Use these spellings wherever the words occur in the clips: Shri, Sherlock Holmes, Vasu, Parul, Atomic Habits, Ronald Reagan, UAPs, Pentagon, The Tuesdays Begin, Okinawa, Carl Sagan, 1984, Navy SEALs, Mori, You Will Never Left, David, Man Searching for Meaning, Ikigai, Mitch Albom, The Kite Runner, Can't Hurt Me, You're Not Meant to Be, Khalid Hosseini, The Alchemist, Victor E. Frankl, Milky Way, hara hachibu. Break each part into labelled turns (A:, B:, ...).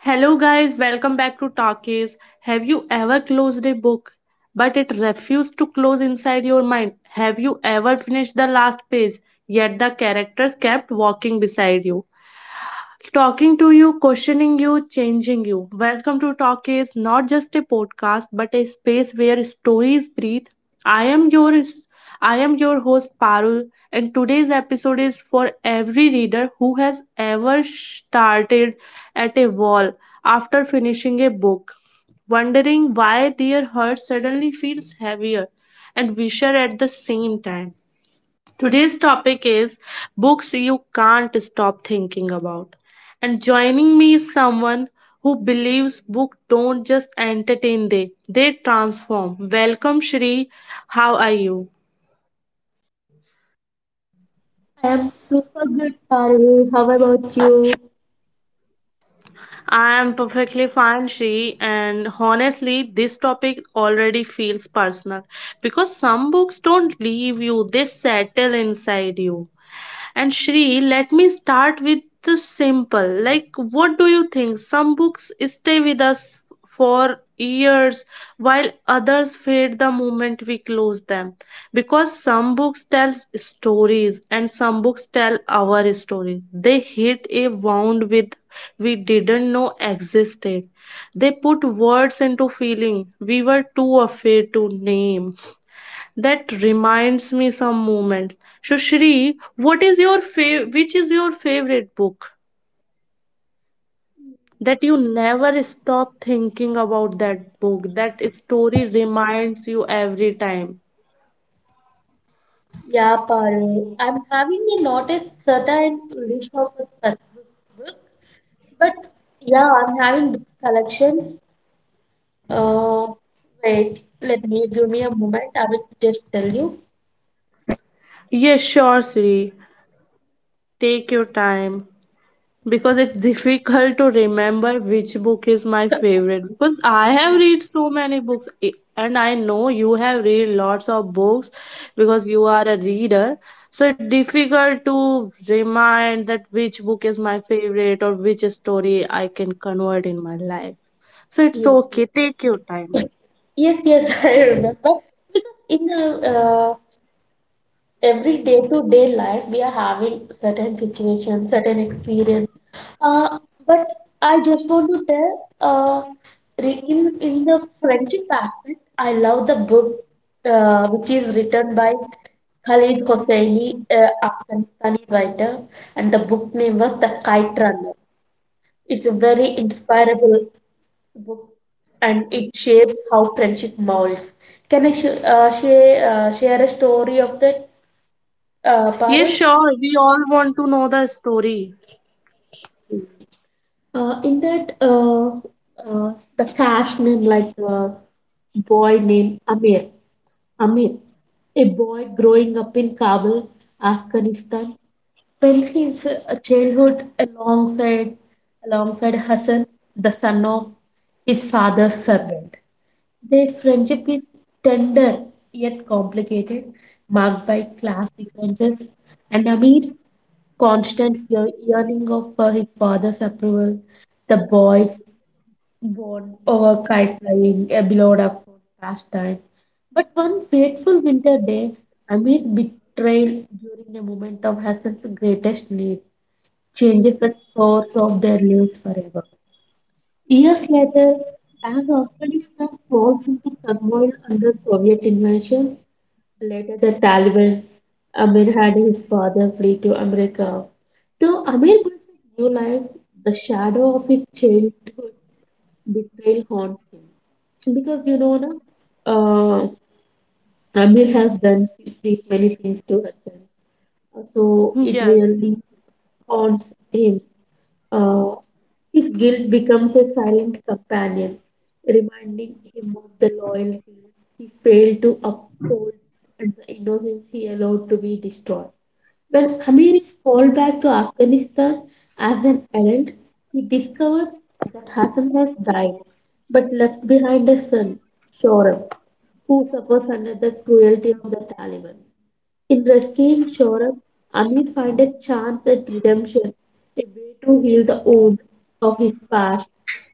A: Hello, guys, welcome back to Talkies. Have you ever closed a book but it refused to close inside your mind? Have you ever finished the last page yet the characters kept walking beside you? Talking to you, questioning you, changing you. Welcome to Talk is not just a podcast a space where stories breathe. I am your I am your host Parul, and today's episode is for every reader who has ever started at a wall after finishing a book, wondering why their heart suddenly feels heavier and wisher at the same time. Today's topic is books you can't stop thinking about. And joining me is someone who believes books don't just entertain they transform. Welcome Shri. How are you?
B: I'm super good, Parul. How about you?
A: I am perfectly fine Shri, and honestly this topic already feels personal because some books don't leave you settle inside you. And Shri, let me start with the simple. Like, what do you think? Some books stay with us for years while others fade the moment we close them, because some books tell stories and some books tell our story. They hit a wound with we didn't know existed. They put words into feeling we were too afraid to name. That reminds me some moments. So Shri, what is your fav- which is your favorite book? That you never stop thinking about that book. That story reminds you every time.
B: Yeah, Parul. I'm having a not a certain list of a specific book, but yeah, I'm having this collection. Uh, let me give me a moment. I will just tell you.
A: Yes, sure, Shri. Take your time. Because it's difficult to remember which book is my favorite, because I have
B: Yeah,
A: read so many books and I know you have read lots of books because you are a reader, so it's difficult to remind that which book is my favorite or which story I can convert in my life. So it's
B: yes,
A: okay, take your time.
B: yes, yes, yes. I remember because in the every day to day life we are having certain situations certain experience uh, but I just want to tell uh, in the friendship aspect I love the book which is written by Khalid Hosseini, Afghanistani writer, and the book name was The Kite Runner. It's a very inspirable book, and it shapes how friendship molds. Can I share a story of that,
A: Yes,
B: Parul?
A: sure, we all want to know the story.
B: In that, the cash name, like boy named Amir, a boy growing up in Kabul, Afghanistan, spent his childhood alongside Hassan, the son of his father's servant. Their friendship is tender yet complicated, marked by class differences and Amir's constant yearning for his father's approval. The boys born over kite flying, a beloved of course pastime. But one fateful winter day, Amir's betrayal during a moment of Hassan's greatest need changes the course of their lives forever. Years later, as Afghanistan falls into turmoil under Soviet invasion, later, the Taliban, Amir had his father flee to America. Though Amir built a new life, the shadow of his childhood betrayal haunts him because you know the Amir has done these many things to Hassan, so it
A: Yes.
B: really haunts him. Uh, his guilt becomes a silent companion, reminding him of the loyalty he failed to uphold and the innocence he allowed to be destroyed. When Amir is called back to Afghanistan as an adult, he discovers that Hassan has died but left behind a son, Shoram, who suffers under the cruelty of the Taliban. In rescuing Saurabh, Amir finds a chance at redemption, a way to heal the wound of his past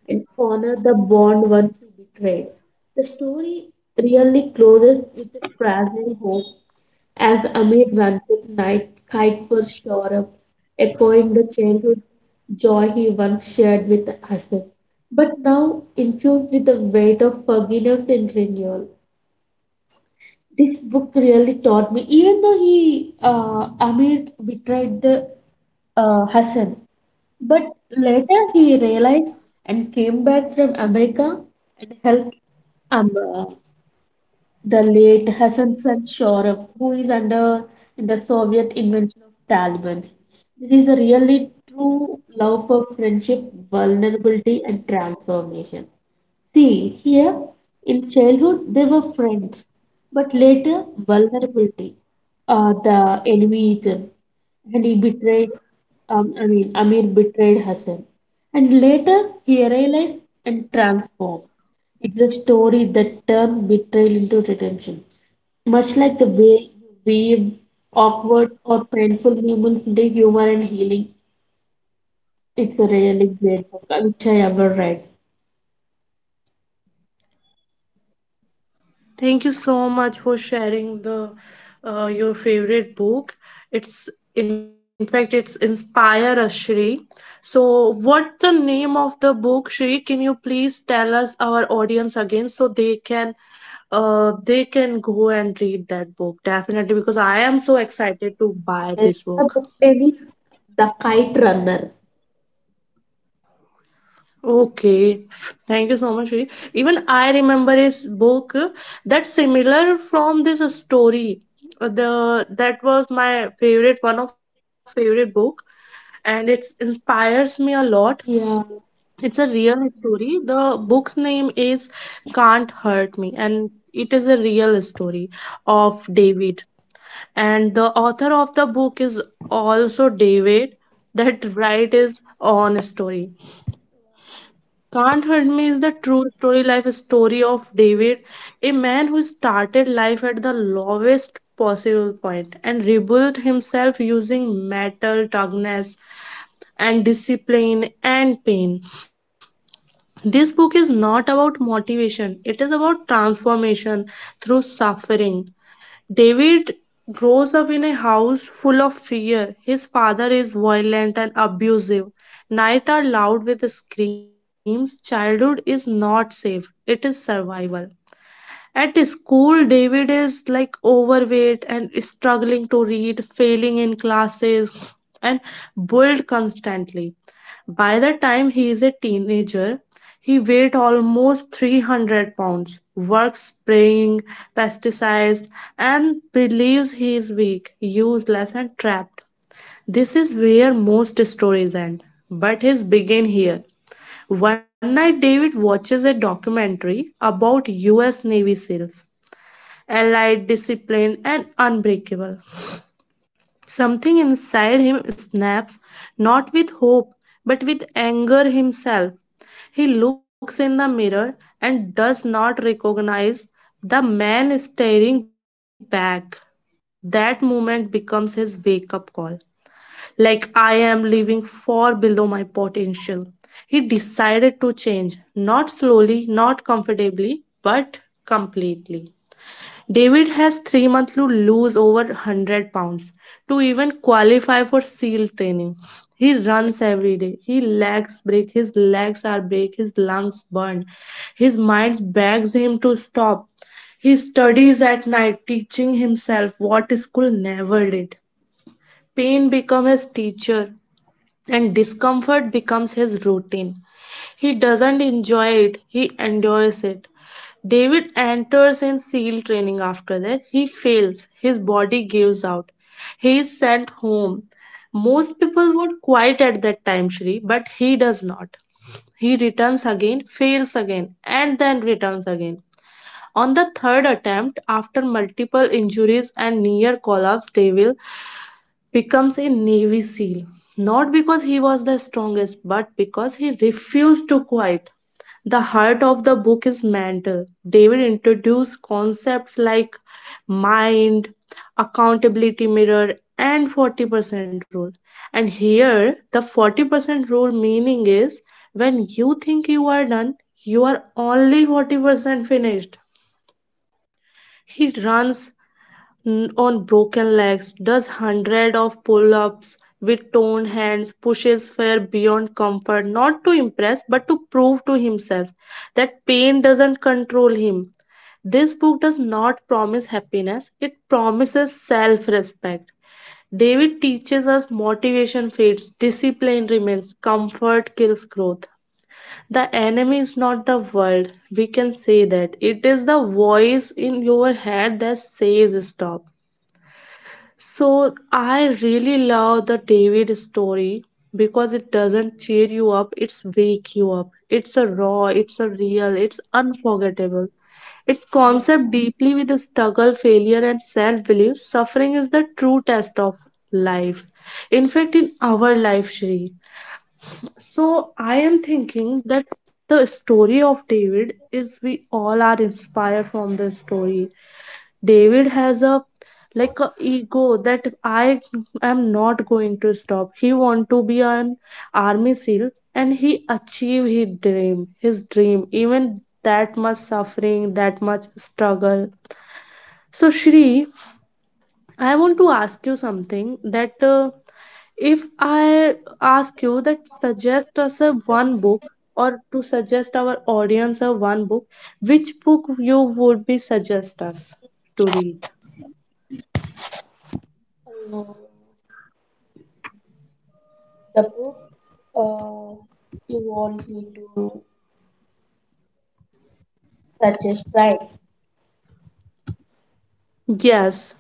B: and honor the bond once he betrayed. The story really closes with a frazzling hope as Amir runs a night kite for Saurabh, echoing the childhood joy he once shared with Hassan, but now infused with the weight of forgiveness and renewal. This book really taught me even though he Amir betrayed the Hassan, but later he realized and came back from America and helped um, uh, the late Hassan Shorab, who is under the Soviet invention of Taliban. This is a really true love for friendship, vulnerability, and transformation. See, here in childhood they were friends, but later vulnerability, the envyism, and he betrayed. I mean, Amir betrayed Hassan, and later he realized and transformed. It's a story that turns betrayal into redemption, much like the way you weave awkward or painful moments into humor and healing. It's a really great book, which I ever read.
A: Thank you so much for sharing the your favorite book. It's, in fact it's Inspire Us, Shri. So, what the name of the book, Shri? Can you please tell us our audience again so they can go and read that book definitely, because I am so excited to buy
B: Yes,
A: this
B: the book
A: book.
B: name is The Kite Runner.
A: Okay, thank you so much, Shri. Even I remember a book that similar from this story. The that was my favorite, one of favorite book, and it inspires me a lot.
B: Yeah,
A: It's a real story. The book's name is Can't Hurt Me, and it is a real story of David. And the author of the book is also David. That write is on story. Can't Hurt Me is the true story life story of David, a man who started life at the lowest possible point and rebuilt himself using metal, toughness, and discipline and pain. This book is not about motivation, it is about transformation through suffering. David grows up in a house full of fear. His father is violent and abusive. Nights are loud with screams. Childhood is not safe, it is survival. At school, David is like overweight and struggling to read, failing in classes, and bullied constantly. By the time he is a teenager, he weighed almost 300 pounds, works spraying pesticides, and believes he is weak, useless, and trapped. This is where most stories end, but his begin here. One night, David watches a documentary about US Navy SEALs, allied, disciplined, and unbreakable. Something inside him snaps, not with hope, but with anger himself. He looks in the mirror and does not recognize the man staring back. That moment becomes his wake up call, like I am living far below my potential. He decided to change, not slowly, not comfortably, but completely. David has 3 months to lose over 100 pounds to even qualify for SEAL training. He runs every day. His legs break. His legs are break. His lungs burn. His mind begs him to stop. He studies at night, teaching himself what school never did. Pain becomes his teacher, and discomfort becomes his routine. He doesn't enjoy it, he endures it. David enters in SEAL training after that. He fails, his body gives out. He is sent home. Most people would quit at that time, Shri, but he does not. He returns again, fails again, and then returns again. On the third attempt, after multiple injuries and near collapse, David becomes a Navy SEAL, not because he was the strongest, but because he refused to quit. The heart of the book is mental. David introduced concepts like mind, accountability mirror, and 40% rule. And here, the 40% rule meaning is when you think you are done, you are only 40% finished. He runs on broken legs, does hundreds of pull ups with torn hands, pushes far beyond comfort, not to impress, but to prove to himself that pain doesn't control him. This book does not promise happiness, it promises self respect. David teaches us motivation fades, discipline remains, comfort kills growth. The enemy is not the world. We can say that. It is the voice in your head that says stop. So I really love the David story because it doesn't cheer you up, it's wake you up. It's a raw, it's a real, it's unforgettable. Its concept deeply with the struggle, failure, and self belief, suffering is the true test of life. In fact, in our life, Shri. So I am thinking that the story of David is we all are inspired from the story. David has a like a ego that I am not going to stop. He want to be an army seal, and he achieve his dream, even that much suffering, that much struggle. So Shri, I want to ask you something, that if I ask you that suggest us a one book or to suggest our audience a one book, which book you would be suggest us to read?
B: uh, the book uh, you want me to suggest, right?
A: Yes,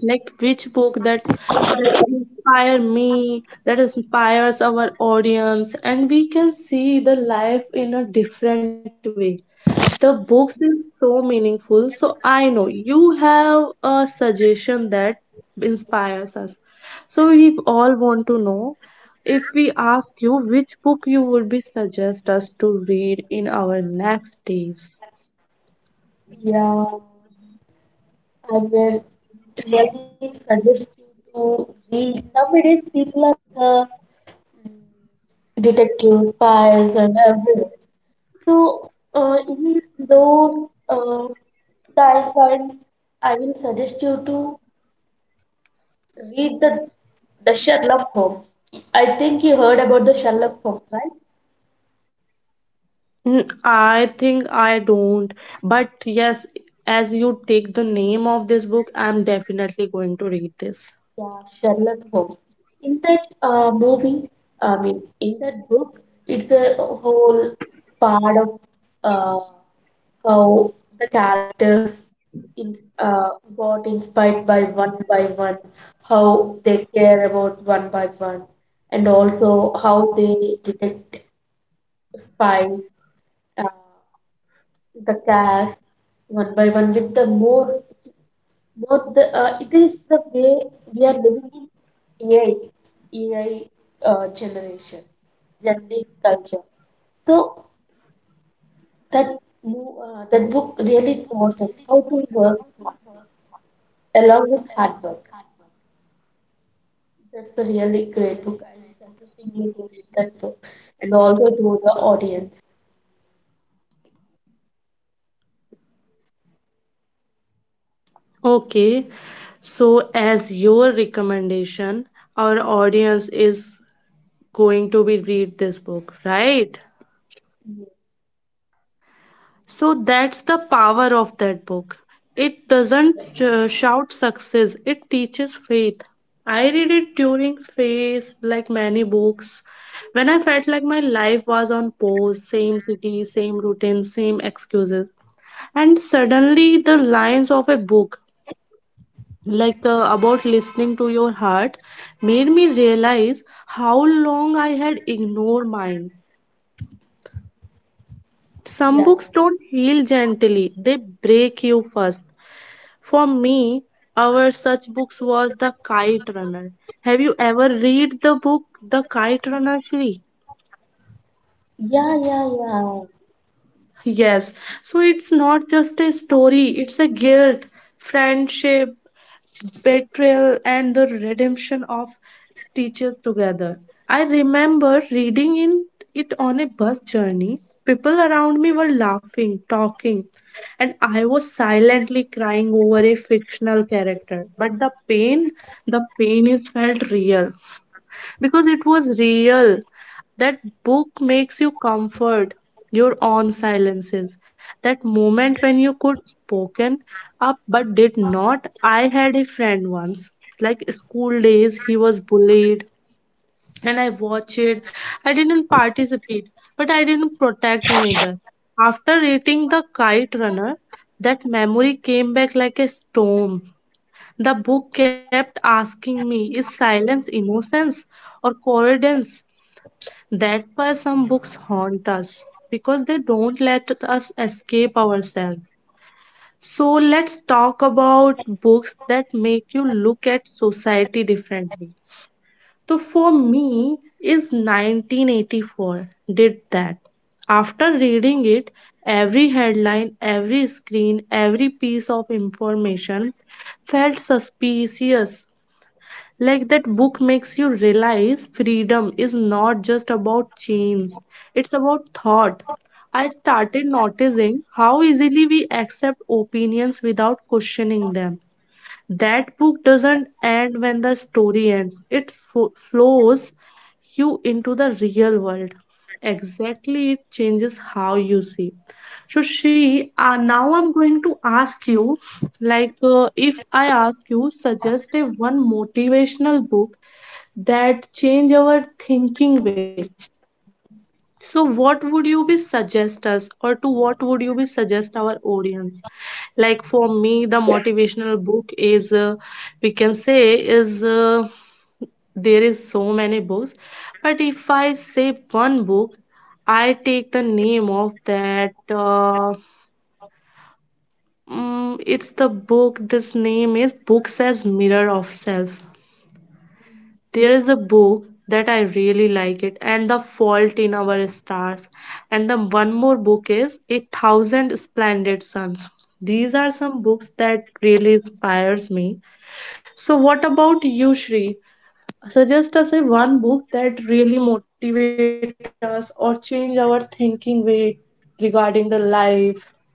A: like which book that that inspire me, that inspires our audience, and we can see the life in a different way. The books is so meaningful. So I know you have a suggestion that inspires. So we all want to know if we ask you which book you would be suggest us to read in our next days.
B: Yeah, I will really suggest you to read. Nowadays, people are like detective files and everything. So in those times, I will suggest you to read the Sherlock Holmes. I think you heard about the Sherlock Holmes, right?
A: Mm, I think I don't, but as you take the name of this book, I'm definitely going to read this.
B: Yeah, Sherlock Holmes. In that book, it's a whole part of uh, how the characters in, uh, got inspired by one, how they care about one by one, and also how they detect spies. Uh, the cash one by one with the more the it is the way we are living in AI generation generic culture. So that that book really taught us how to work smartly along with hard work. That's a really great book. I'm suggesting you to read that book and also to the audience.
A: Okay, so as your recommendation, our audience is going to be read this book, right? So that's the power of that book. It doesn't shout success, it teaches faith. I read it during phase like many books when I felt like my life was on pause, same city, same routine, same excuses. And suddenly the lines of a book, like about listening to your heart, made me realize how long I had ignored mine. Some books
B: Yes.
A: don't heal gently, they break you first. For me, our such books was The Kite Runner. Have you ever read the book The Kite Runner Shri?
B: Yeah, yeah, yeah, yeah,
A: Yes, so it's not just a story, it's a guilt, friendship, betrayal, and the redemption of stitches together. I remember reading in it on a bus journey. People around me were laughing, talking, and I was silently crying over a fictional character. But the pain is felt real because it was real. That book makes you comfort your own silences. That moment when you could spoken up but did not. I had a friend once, like school days, he was bullied and I watched it. I didn't participate, but I didn't protect him either. After reading The Kite Runner, that memory came back like a storm. The book kept asking me, is silence innocence or coincidence? That's why some books haunt us, because they don't let us escape ourselves. So let's talk about books that make you look at society differently. So for me, is 1984 did that. After reading it, every headline, every screen, every piece of information felt suspicious, like that book makes you realize freedom is not just about chains, it's about thought. I started noticing how easily we accept opinions without questioning them. That book doesn't end when the story ends, it flows you into the real world. Exactly, it changes how you see. So, Shri, now I'm going to ask you, like, if I ask you, suggest a one motivational book that change our thinking way. So, what would you be suggest us, or to what would you be suggest our audience? Like for me the motivational book is we can say is there is so many books, but if I say one book, I take the name of that it's the book, this name is books as mirror of self. There is a book that I really like it, and The Fault in Our Stars, and the one more book is A Thousand Splendid Suns. These are some books that really inspires me. So what about you, Shri? Suggest us a one book that really motivate us or change our thinking way regarding the life.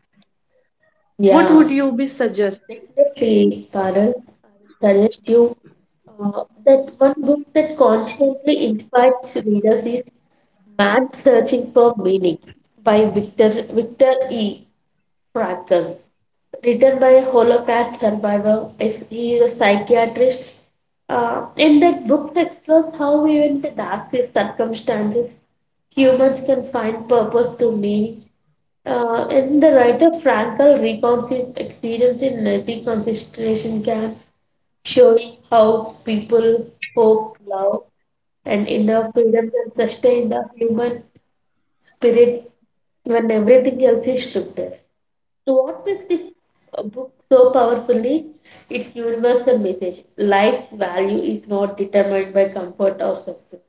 A: What
B: yeah.
A: would you be suggest?
B: Uh, Definitely, Parul. I will suggest you that one book that constantly inspires readers is Man Searching for Meaning by Victor E. Frankl. Written by a Holocaust survivor, he is a psychiatrist. And that book explores how even in the darkest circumstances humans can find purpose to meaning, and the writer Frankel recounts his experience in Nazi concentration camps, showing how people hope, love, and inner freedom can sustain the human spirit when everything else is stripped away. So, what makes this book so powerful is its universal message. Life's value is not determined by comfort or success,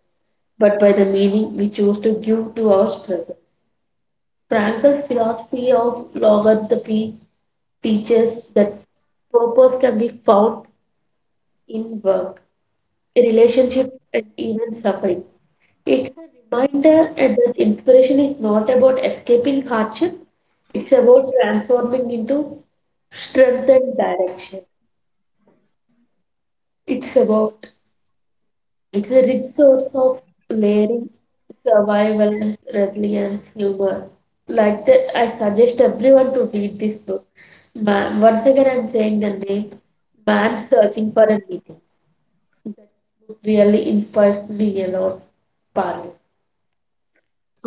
B: but by the meaning we choose to give to our struggle. Frankel's philosophy of logotherapy teaches that purpose can be found in work, relationships, and even suffering. It's a reminder that inspiration is not about escaping hardship, it's about transforming into strength and direction. It's about It's a rich source of learning, survival, resilience, humor. Like that, I suggest everyone to read this book. Man, once again, I'm saying the name, Man Searching for a Meaning. That book really inspires me a lot, Parul.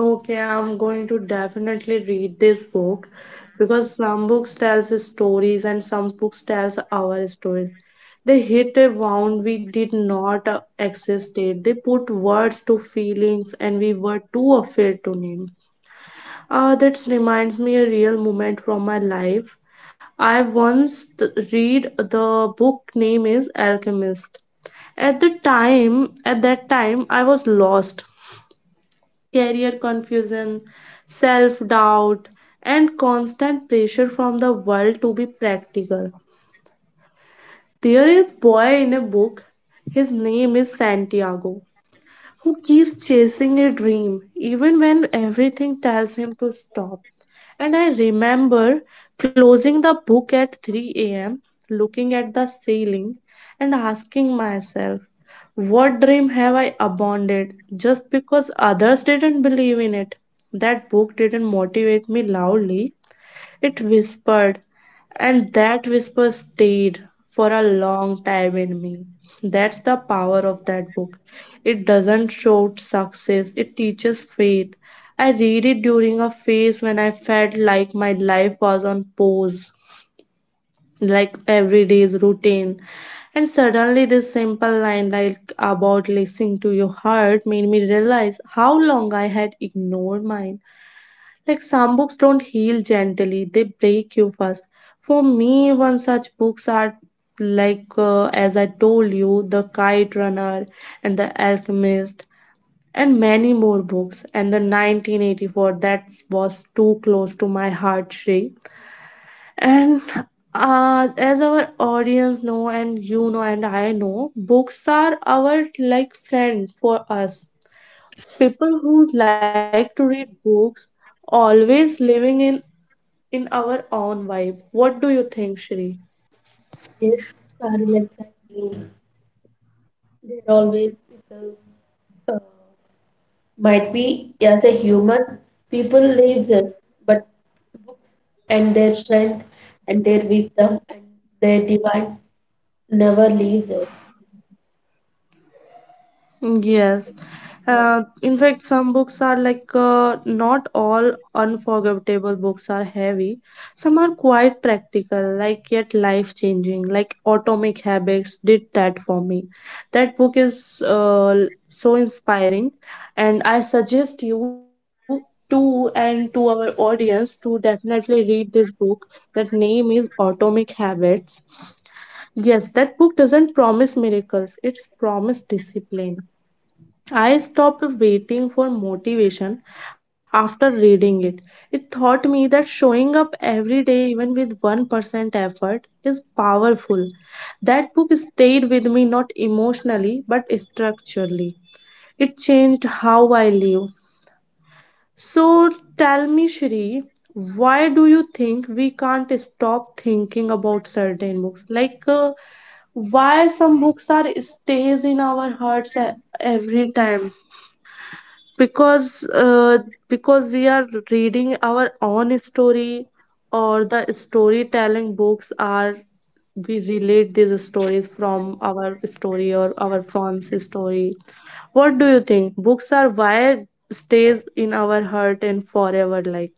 A: Okay, I'm going to definitely read this book because some books tells stories and some books tells our stories. They hit a wound we did not existed. They put words to feelings and we were too afraid to name. That reminds me a real moment from my life. I once read the book name is Alchemist. At the time, at that time, I was lost. Career confusion, self-doubt, and constant pressure from the world to be practical. There is a boy in a book. His name is Santiago who keeps chasing a dream even when everything tells him to stop. And I remember closing the book at 3 a.m., looking at the ceiling, and asking myself, what dream have I abandoned just because others didn't believe in it? That book didn't motivate me loudly, it whispered, and that whisper stayed for a long time in me. That's the power of that book. It doesn't shout success, it teaches faith. I read it during a phase when I felt like my life was on pause, like every day's routine. And suddenly, this simple line, like about listening to your heart, made me realize how long I had ignored mine. Like some books don't heal gently, they break you first. For me, one such books are like, as I told you, The Kite Runner and The Alchemist, and many more books. And the 1984, that was too close to my heart, Shrey. And as our audience know, and you know, and I know, books are our like friend for us. People who like to read books always living in our own vibe. What do you think, Shri?
B: Yes, Parul, exactly. They're always with us. Uh, might be as a human people leaves us, but books and their strength and their wisdom and their divine never leaves us.
A: Yes. In fact, some books are like not all unforgettable books are heavy. Some are quite practical, like yet life changing, like Atomic Habits did that for me. That book is so inspiring, and I suggest you to and to our audience to definitely read this book. That name is Atomic Habits. Yes, that book doesn't promise miracles, it's promised discipline. I stopped waiting for motivation after reading it. It taught me that showing up every day, even with 1%, is powerful. That book stayed with me not emotionally but structurally. It changed how I live. So tell me, Shri, why do you think we can't stop thinking about certain books? Like, why some books are stays in our hearts every time, because uh, because we are reading our own story, or the storytelling books are, we relate these stories from our story or our friend's story. What do you think books are, why stays in our heart and forever, like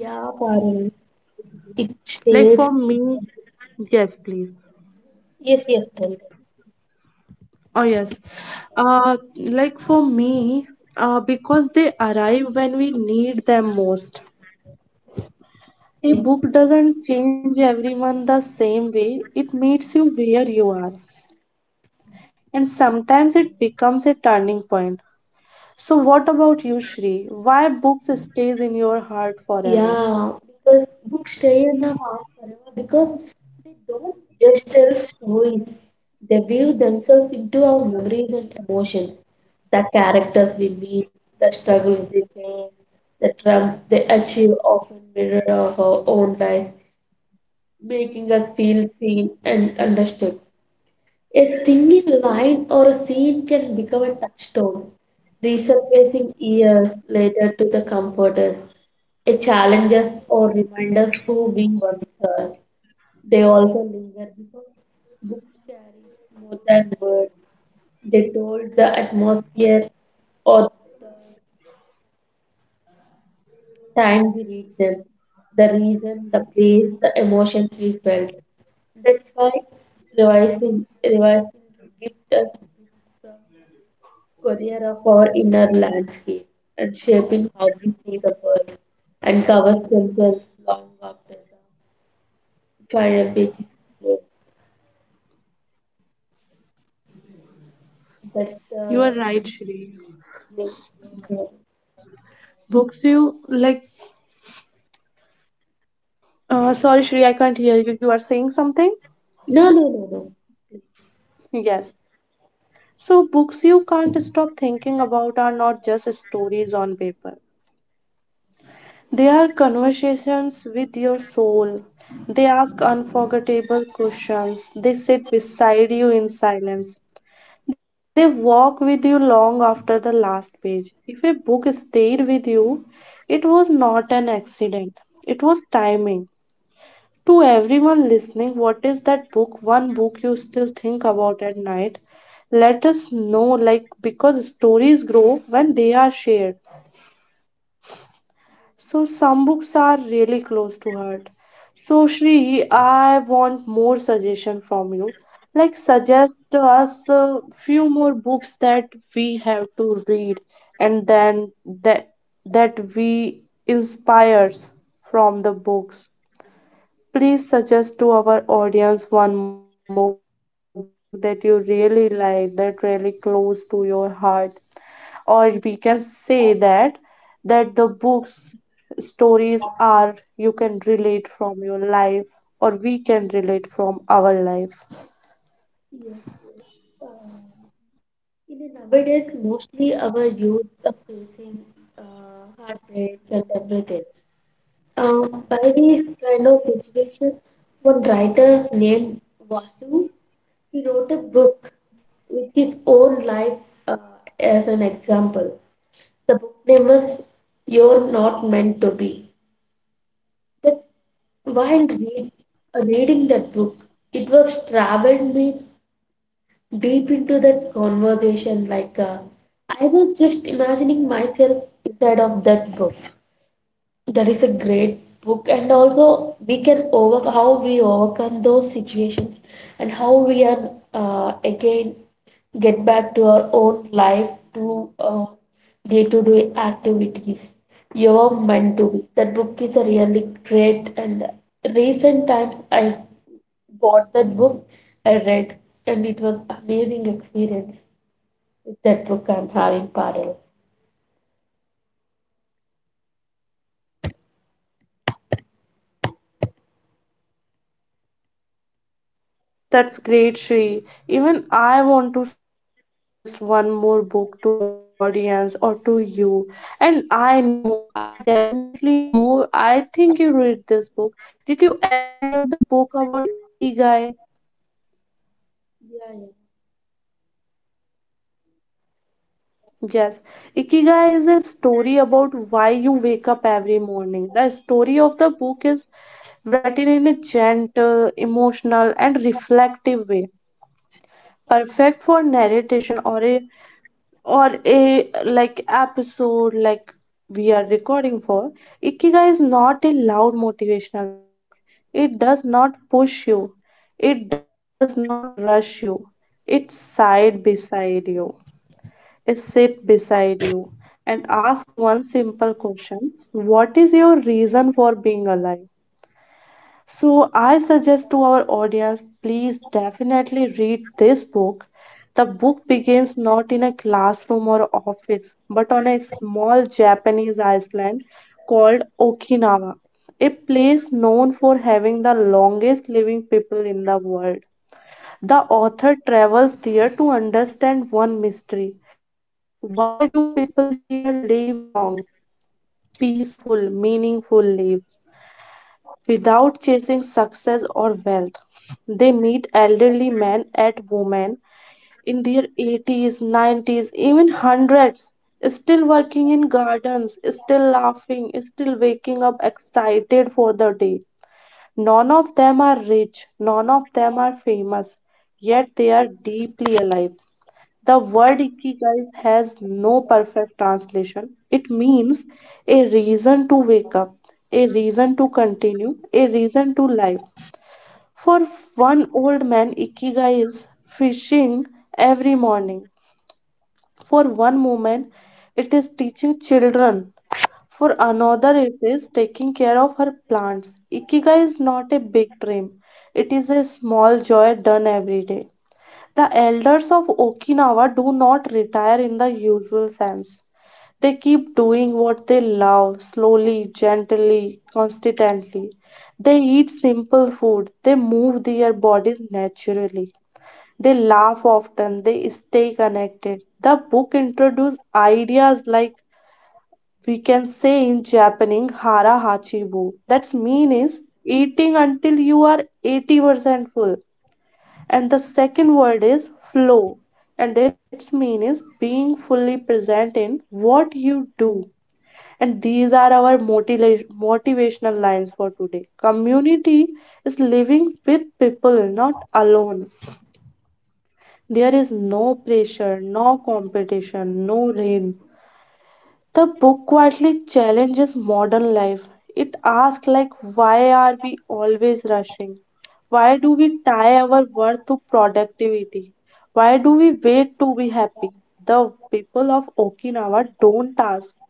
B: Yeah, Parul. It
A: like for
B: stays.
A: me? Yes, please.
B: Yes, yes, tell them.
A: Oh, yes. Like for me, because they arrive when we need them most. A book
B: Yes.
A: doesn't change everyone the same way, it meets you where you are. And sometimes it becomes a turning point. So, what about you, Shri? Why books stays in your heart forever?
B: Yeah, because books stay in our heart forever because they don't just tell stories. They weave themselves into our memories and emotions. The characters we meet, the struggles they face, the triumphs they achieve often mirror our own lives, making us feel seen and understood. A single line or a scene can become a touchstone, resurfacing years later to the comforters. It challenges or reminders who we once were. They also linger because books carry more than words. They told the atmosphere or the time we read them, the reason, the place, the emotions we felt. That's why revising gives us books courier of our inner landscape and shaping how we see the world and covers themselves long after the final page is closed. That's the
A: You are right, Shri.
B: yes.
A: Books you like. Sorry, Shri, I can't hear you. You are saying something?
B: No, no, no, no, no.
A: Yes. So, books you can't stop thinking about are not just stories on paper. They are conversations with your soul. They ask unforgettable questions. They sit beside you in silence. They walk with you long after the last page. If a book stayed with you, it was not accident, it was timing. To everyone listening, what is that book, one book you still think about at night? Let us know, like, because stories grow when they are shared. So, some books are really close to heart. So, Shri, I want more suggestion from you. Like, suggest to us a few more books that we have read, and then that that we inspires from the books. Please suggest to our audience one more book that you really like, that really close to your heart. Or we can say that the books stories are you can relate from your life, or we can relate from our life.
B: Yes, yes. Uh, in the nowadays, mostly our youth are facing heartbreaks and everything. By this kind of situation, one writer named Vasu, he wrote a book with his own life uh, as an example. The book name was "You're Not Meant to Be." That while read, Reading that book, it was traveled me deep into that conversation. Like I was just imagining myself inside of that book. That is a great book, and also we can over how we overcome those situations and how we are again get back to our own life to day-to-day activities. You are meant to be. That book is a really great, and recent times I bought that book, I read, and it was amazing experience with that book I'm having parallel.
A: That's great, Shri. Even I want to suggest one more book to our audience or to you. And I know, I definitely know, I think you read this book. Did you ever hear the book about Ikigai?
B: Yeah, yeah.
A: Yes. Ikigai is a story about why you wake up every morning. The story of the book is written in a gentle, emotional, and reflective way, perfect for narration or a like episode like we are recording for. Ikigai is not a loud motivational book, it does not push you, it does not rush you, it side beside you, it sit beside you, and ask one simple question: what is your reason for being alive? So I suggest to our audience, please definitely read this book. The book begins not in a classroom or office, but on a small Japanese island called Okinawa, a place known for having the longest living people in the world. The author travels there to understand one mystery. Why do people here live long, peaceful, meaningful lives, without chasing success or wealth? They meet elderly men and women in their 80s, 90s, even hundreds, still working in gardens, still laughing, still waking up excited for the day. None of them are rich, none of them are famous, yet they are deeply alive. The word ikigai has no perfect translation. It means a reason to wake up, a reason to continue, a reason to live. For one old man, ikigai is fishing morning. For one woman, it is teaching children. For another, it is taking care of her plants. Ikigai is not a big dream, it is a small joy done every day. The elders of Okinawa do not retire in the usual sense. They keep doing what they love slowly, gently, consistently. They eat simple food. They move their bodies naturally. They laugh often. They stay connected. The book introduces ideas like, we can say in Japanese, hara hachibu. That's mean is eating until you are 80% full, and the second word is flow, and its mean is being fully present in what you do. And these are our motivational lines for today. Community is living with people, not alone. There is no pressure, no competition, no rain, the book quietly challenges modern life. It asks, like, why are we always rushing? Why do we tie our worth to productivity? Why do we wait to be happy? The people of Okinawa don't ask,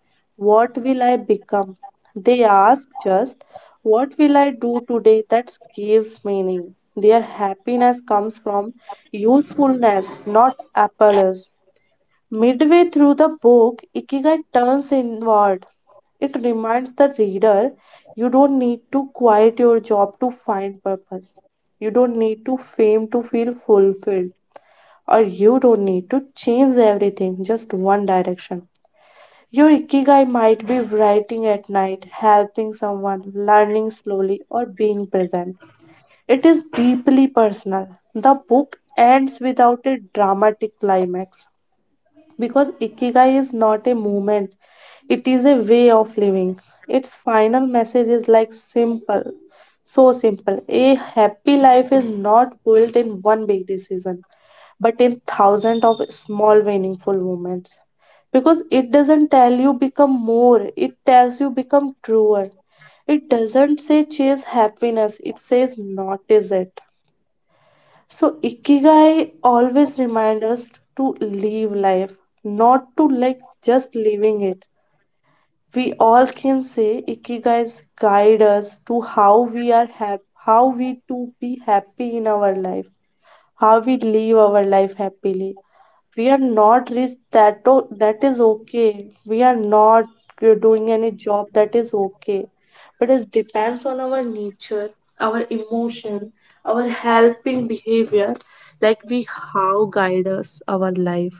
A: what will I become? They ask just, what will I do today that gives meaning? Their happiness comes from usefulness, not appellers. Midway through the book, Ikigai turns inward. It reminds the reader, you don't need to quit your job to find purpose. You don't need to fame to feel fulfilled. Or you don't need to change everything, just one direction. Your Ikigai might be writing at night, helping someone, learning slowly, or being present. It is deeply personal. The book ends without a dramatic climax because Ikigai is not a movement, it is a way of living. Its final message is like simple, so simple. A happy life is not built in one big decision, but in thousands of small, meaningful moments. Because it doesn't tell you become more, it tells you become truer. It doesn't say chase happiness, it says notice it. So Ikigai always reminds us to live life, not to like just living it. We all can say Ikigai's guide us to how we are how we to be happy in our life, how we live our life happily. We are not rich, that, that is okay. We are not doing any job, that is okay. But it depends on our nature, our emotion, our helping behavior, like we how guide us our life.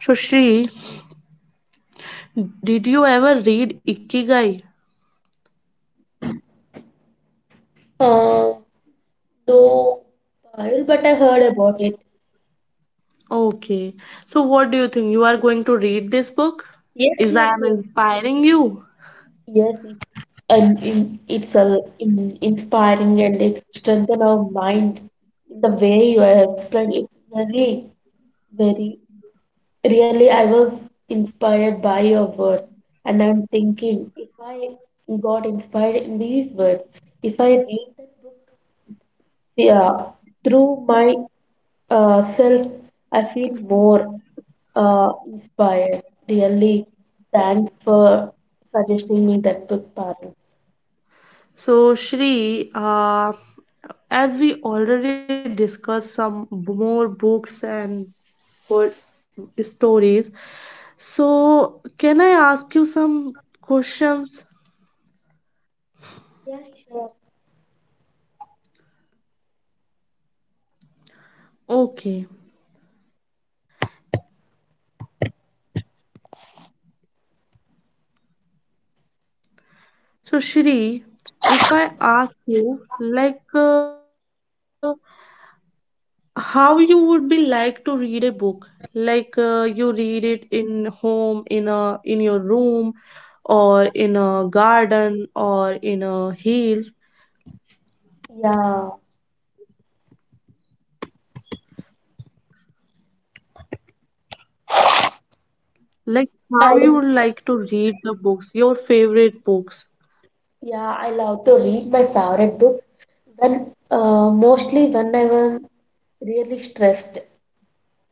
A: So, Shri, did you ever read Ikigai?
B: Uh, no, Parul, but I heard about it.
A: Okay. So, what do you think? You are going to read this book?
B: Yes,
A: Is I
B: yes,
A: am
B: yes,
A: inspiring you?
B: yes. it- And in, it's a, in, Inspiring and it strengthens our mind. The way you have explained, it's very, very. Really, I was inspired by your words, and I'm thinking if I got inspired in these words, if I read that book, yeah, through my self, I feel more inspired. Really, thanks for suggesting me that book, Parul.
A: So, Shri, as we already discussed some more books and good stories, so can I ask you some questions? Okay. So, Shri, if I ask you, like, how you would be like to read a book? Like, you read it in home, in your room, or in a garden, or in a hill.
B: Yeah,
A: Like how you
B: I
A: would like to read the books, your favorite books.
B: yeah I love to read my favorite books when mostly when I am really stressed.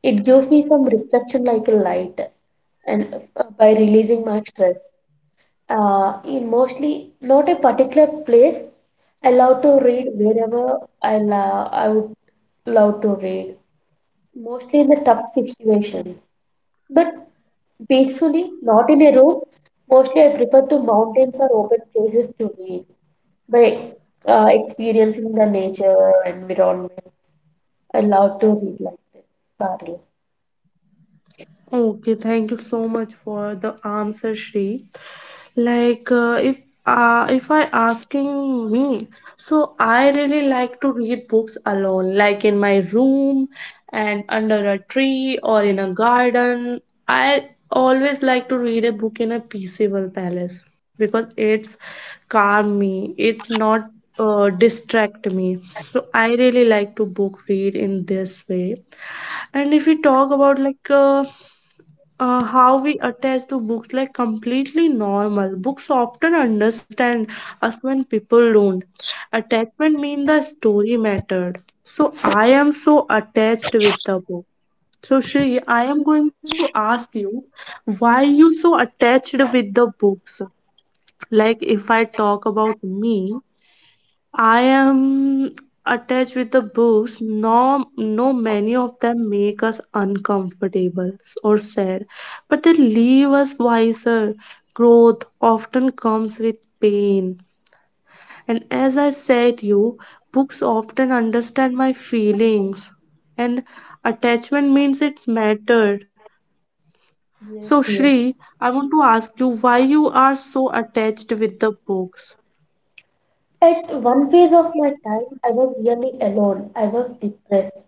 B: It gives me some reflection like a light and by releasing my stress. In mostly not a particular place. I love to read wherever I love, I would love to read, mostly in the tough situations, but peacefully, not in a room. Mostly, I prefer to mountains or open places to read by experiencing the nature environment. I love to read like that, Parallel.
A: Okay, thank you so much for the answer, Shri. Like if I asking me, so I really like to read books alone, like in my room and under a tree or in a garden. I always like to read a book in a peaceable palace because it's calm me. It's not distract me. So I really like to book read in this way. And if we talk about like how we attach to books, like completely normal. Books often understand us when people don't. Attachment mean the story mattered. So I am so attached with the book. So Shri, I am going to ask you why you so attached with the books. Like if I talk about me, I am attached with the books. No, no, many of them make us uncomfortable or sad, but they leave us wiser. Growth often comes with pain. And as I said you, books often understand my feelings. And attachment means it's mattered. So
B: Yes,
A: Shri,
B: yes.
A: I want to ask you why you are so attached with the books.
B: At one phase of my time, I was really alone. I was depressed.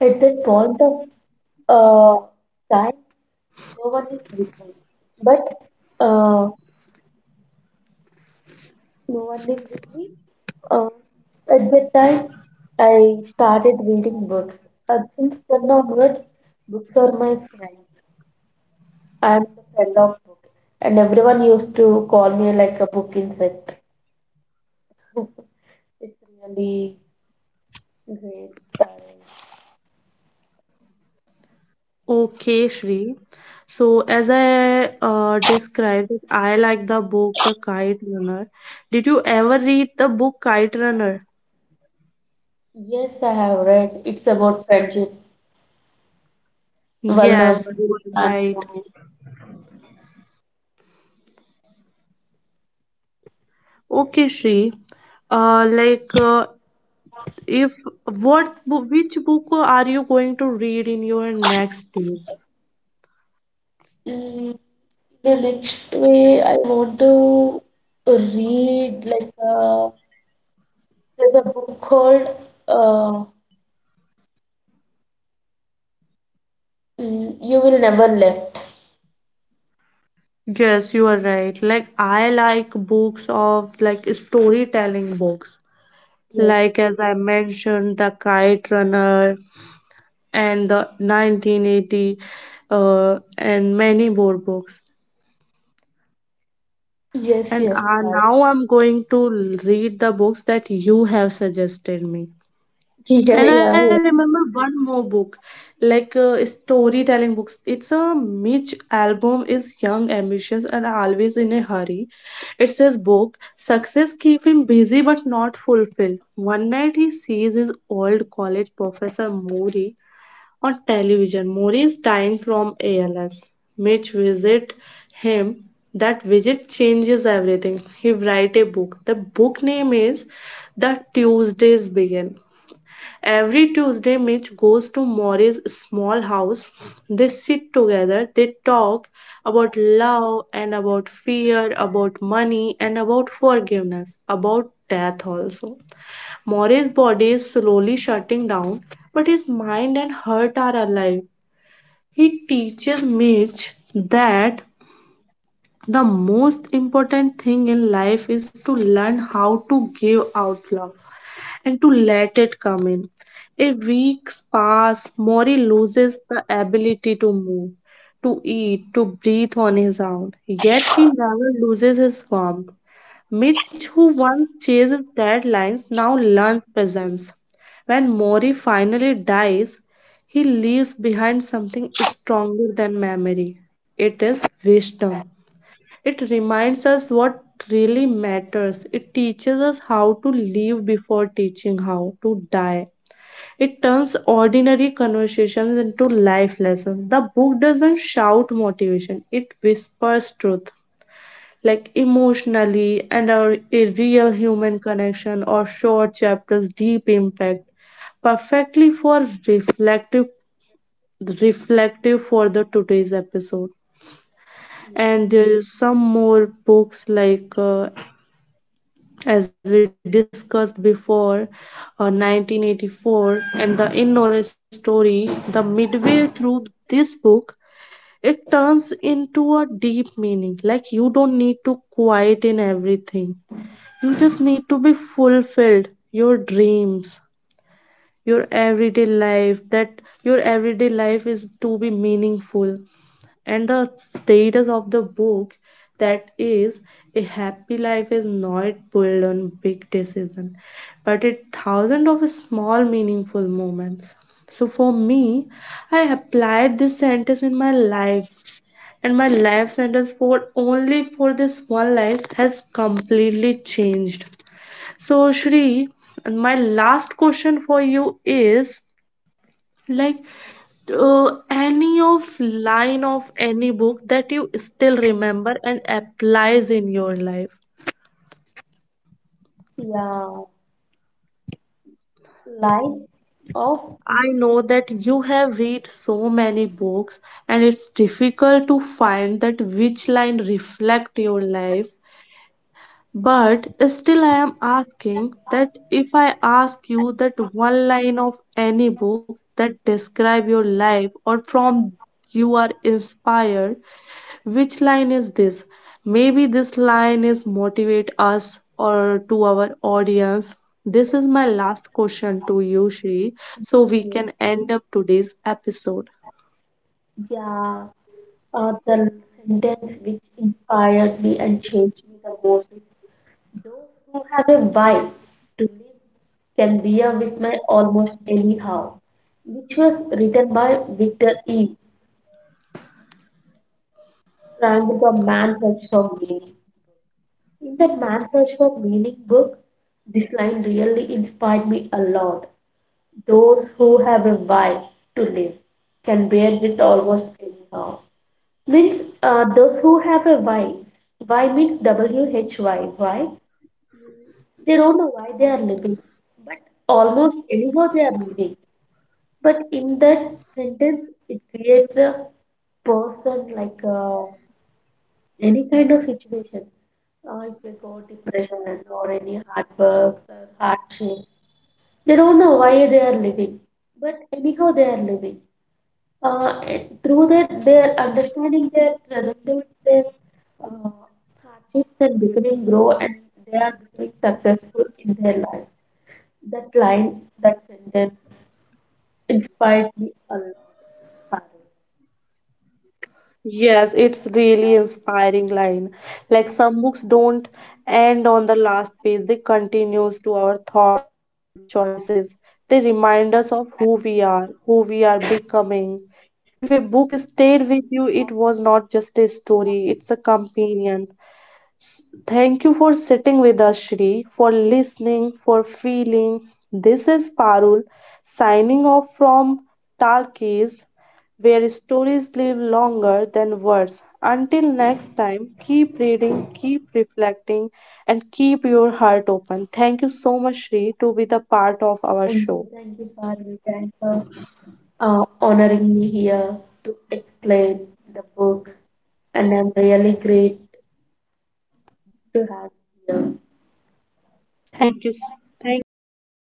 B: At that point of uh, time, no one is with me. But uh, no one is with me. Uh, at that time, I started reading books. And since then onwards, books are my friends. I'm the friend of books. And everyone used to call me like a book insect. It's really great.
A: Okay, Shri. So, as I described, I like the book The Kite Runner. Did you ever read the book Kite Runner?
B: Yes, I have read. It's about friendship,
A: Yes,
B: vulnerable,
A: you are right.
B: transformation.
A: Okay, Shri. Uh, like, uh, if which book are you going to read in your next day?
B: Mm, the next way, I want to read like there's a book called uh, "You Will Never Left."
A: Yes, you are right. Like, I like books of like storytelling books.
B: Yes,
A: Like as I mentioned, The Kite Runner, and the 1980 and many more books.
B: yes,
A: And
B: yes, correct.
A: now I'm going to read the books that you have suggested me.
B: Yeah,
A: And I
B: yeah,
A: remember
B: yeah,
A: one more book, like storytelling books. It's a Mitch album is young, ambitious, and always in a hurry. It says book success keep him busy but not fulfilled. One night he sees his old college professor Mori on television, Mori dying from ALS. Mitch visit him. That visit changes everything. He write a book. The book name is The Tuesdays Begin. Every Tuesday, Mitch goes to Mori's small house. They sit together. They talk about love and about fear, about money and about forgiveness, about death also. Mori's body is slowly shutting down, but his mind and heart are alive. He teaches Mitch that the most important thing in life is to learn how to give out love and to let it come in. A weeks pass, Mori loses the ability to move, to eat, to breathe on his own. Yet he never loses his warmth. Mitch, who once chased deadlines, now learns presence. When Mori finally dies, he leaves behind something stronger than memory. It is wisdom. It reminds us what really matters. It teaches us how to live before teaching how to die. It turns ordinary conversations into life lessons. The book doesn't shout motivation, it whispers truth, like emotionally and our a real human connection or short chapters deep impact perfectly for reflective for the today's episode.
B: yeah,
A: And there is some more books like as we discussed before, 1984 and the Innore story, the midway through this book it turns into a deep meaning, like you don't need to quiet in everything. You just need to be fulfilled. Your dreams, your everyday life, that your everyday life is to be meaningful. And the status of the book, that is, a happy life is not built on big decision, but it thousand of small meaningful moments. So for me, I applied this sentence in my life and my life sentence for only for this one life has completely changed. So, Shri, my last question for you is like any of line of any book that you still remember and applies in your life.
B: yeah. Life of
A: I know that you have read so many books and it's difficult to find that which line reflect your life. But still, I am asking that if I ask you that one line of any book that describe your life or from you are inspired, which line is this? Maybe this line is motivate us or to our audience. This is my last question to you, Shri, so we can end up today's episode.
B: yeah, the sentence which inspired me and changed me the most. Those who have a why to live can bear with my almost anyhow, which was written by Victor E. Frankl, The Man's Search for Meaning. In that Man's Search for Meaning book, this line really inspired me a lot. Those who have a why to live can bear with almost anyhow. Means those who have a why. Why means why. Why? Mm, they don't know why they are living, but almost anyhow they are living. But in that sentence, it creates a person like any kind of situation. If they got depression or any hard works or hardships, they don't know why they are living, but anyhow they are living. And through that, they are understanding their challenges, their uh, hardships, and becoming grow, and they are becoming successful in their life. That line, that sentence inspired me a lot, Parul.
A: Yes, it's really inspiring line. Like some books don't end on the last page, they continues to our thought choices. They remind us of who we are becoming. If a book stayed with you, it was not just a story, it's a companion. Thank you for sitting with us, Shri, for listening, for feeling. This is Parul signing off from Talkies, where stories live longer than words. Until next time, keep reading, keep reflecting, and keep your heart open. Thank you so much, Shri, to be the part of our
B: Thank
A: show.
B: you, Parul. Thanks for honoring me here to explain the books, and I'm really great to have you here.
A: Thank you. Thank you so much,
B: Thank
A: Shri.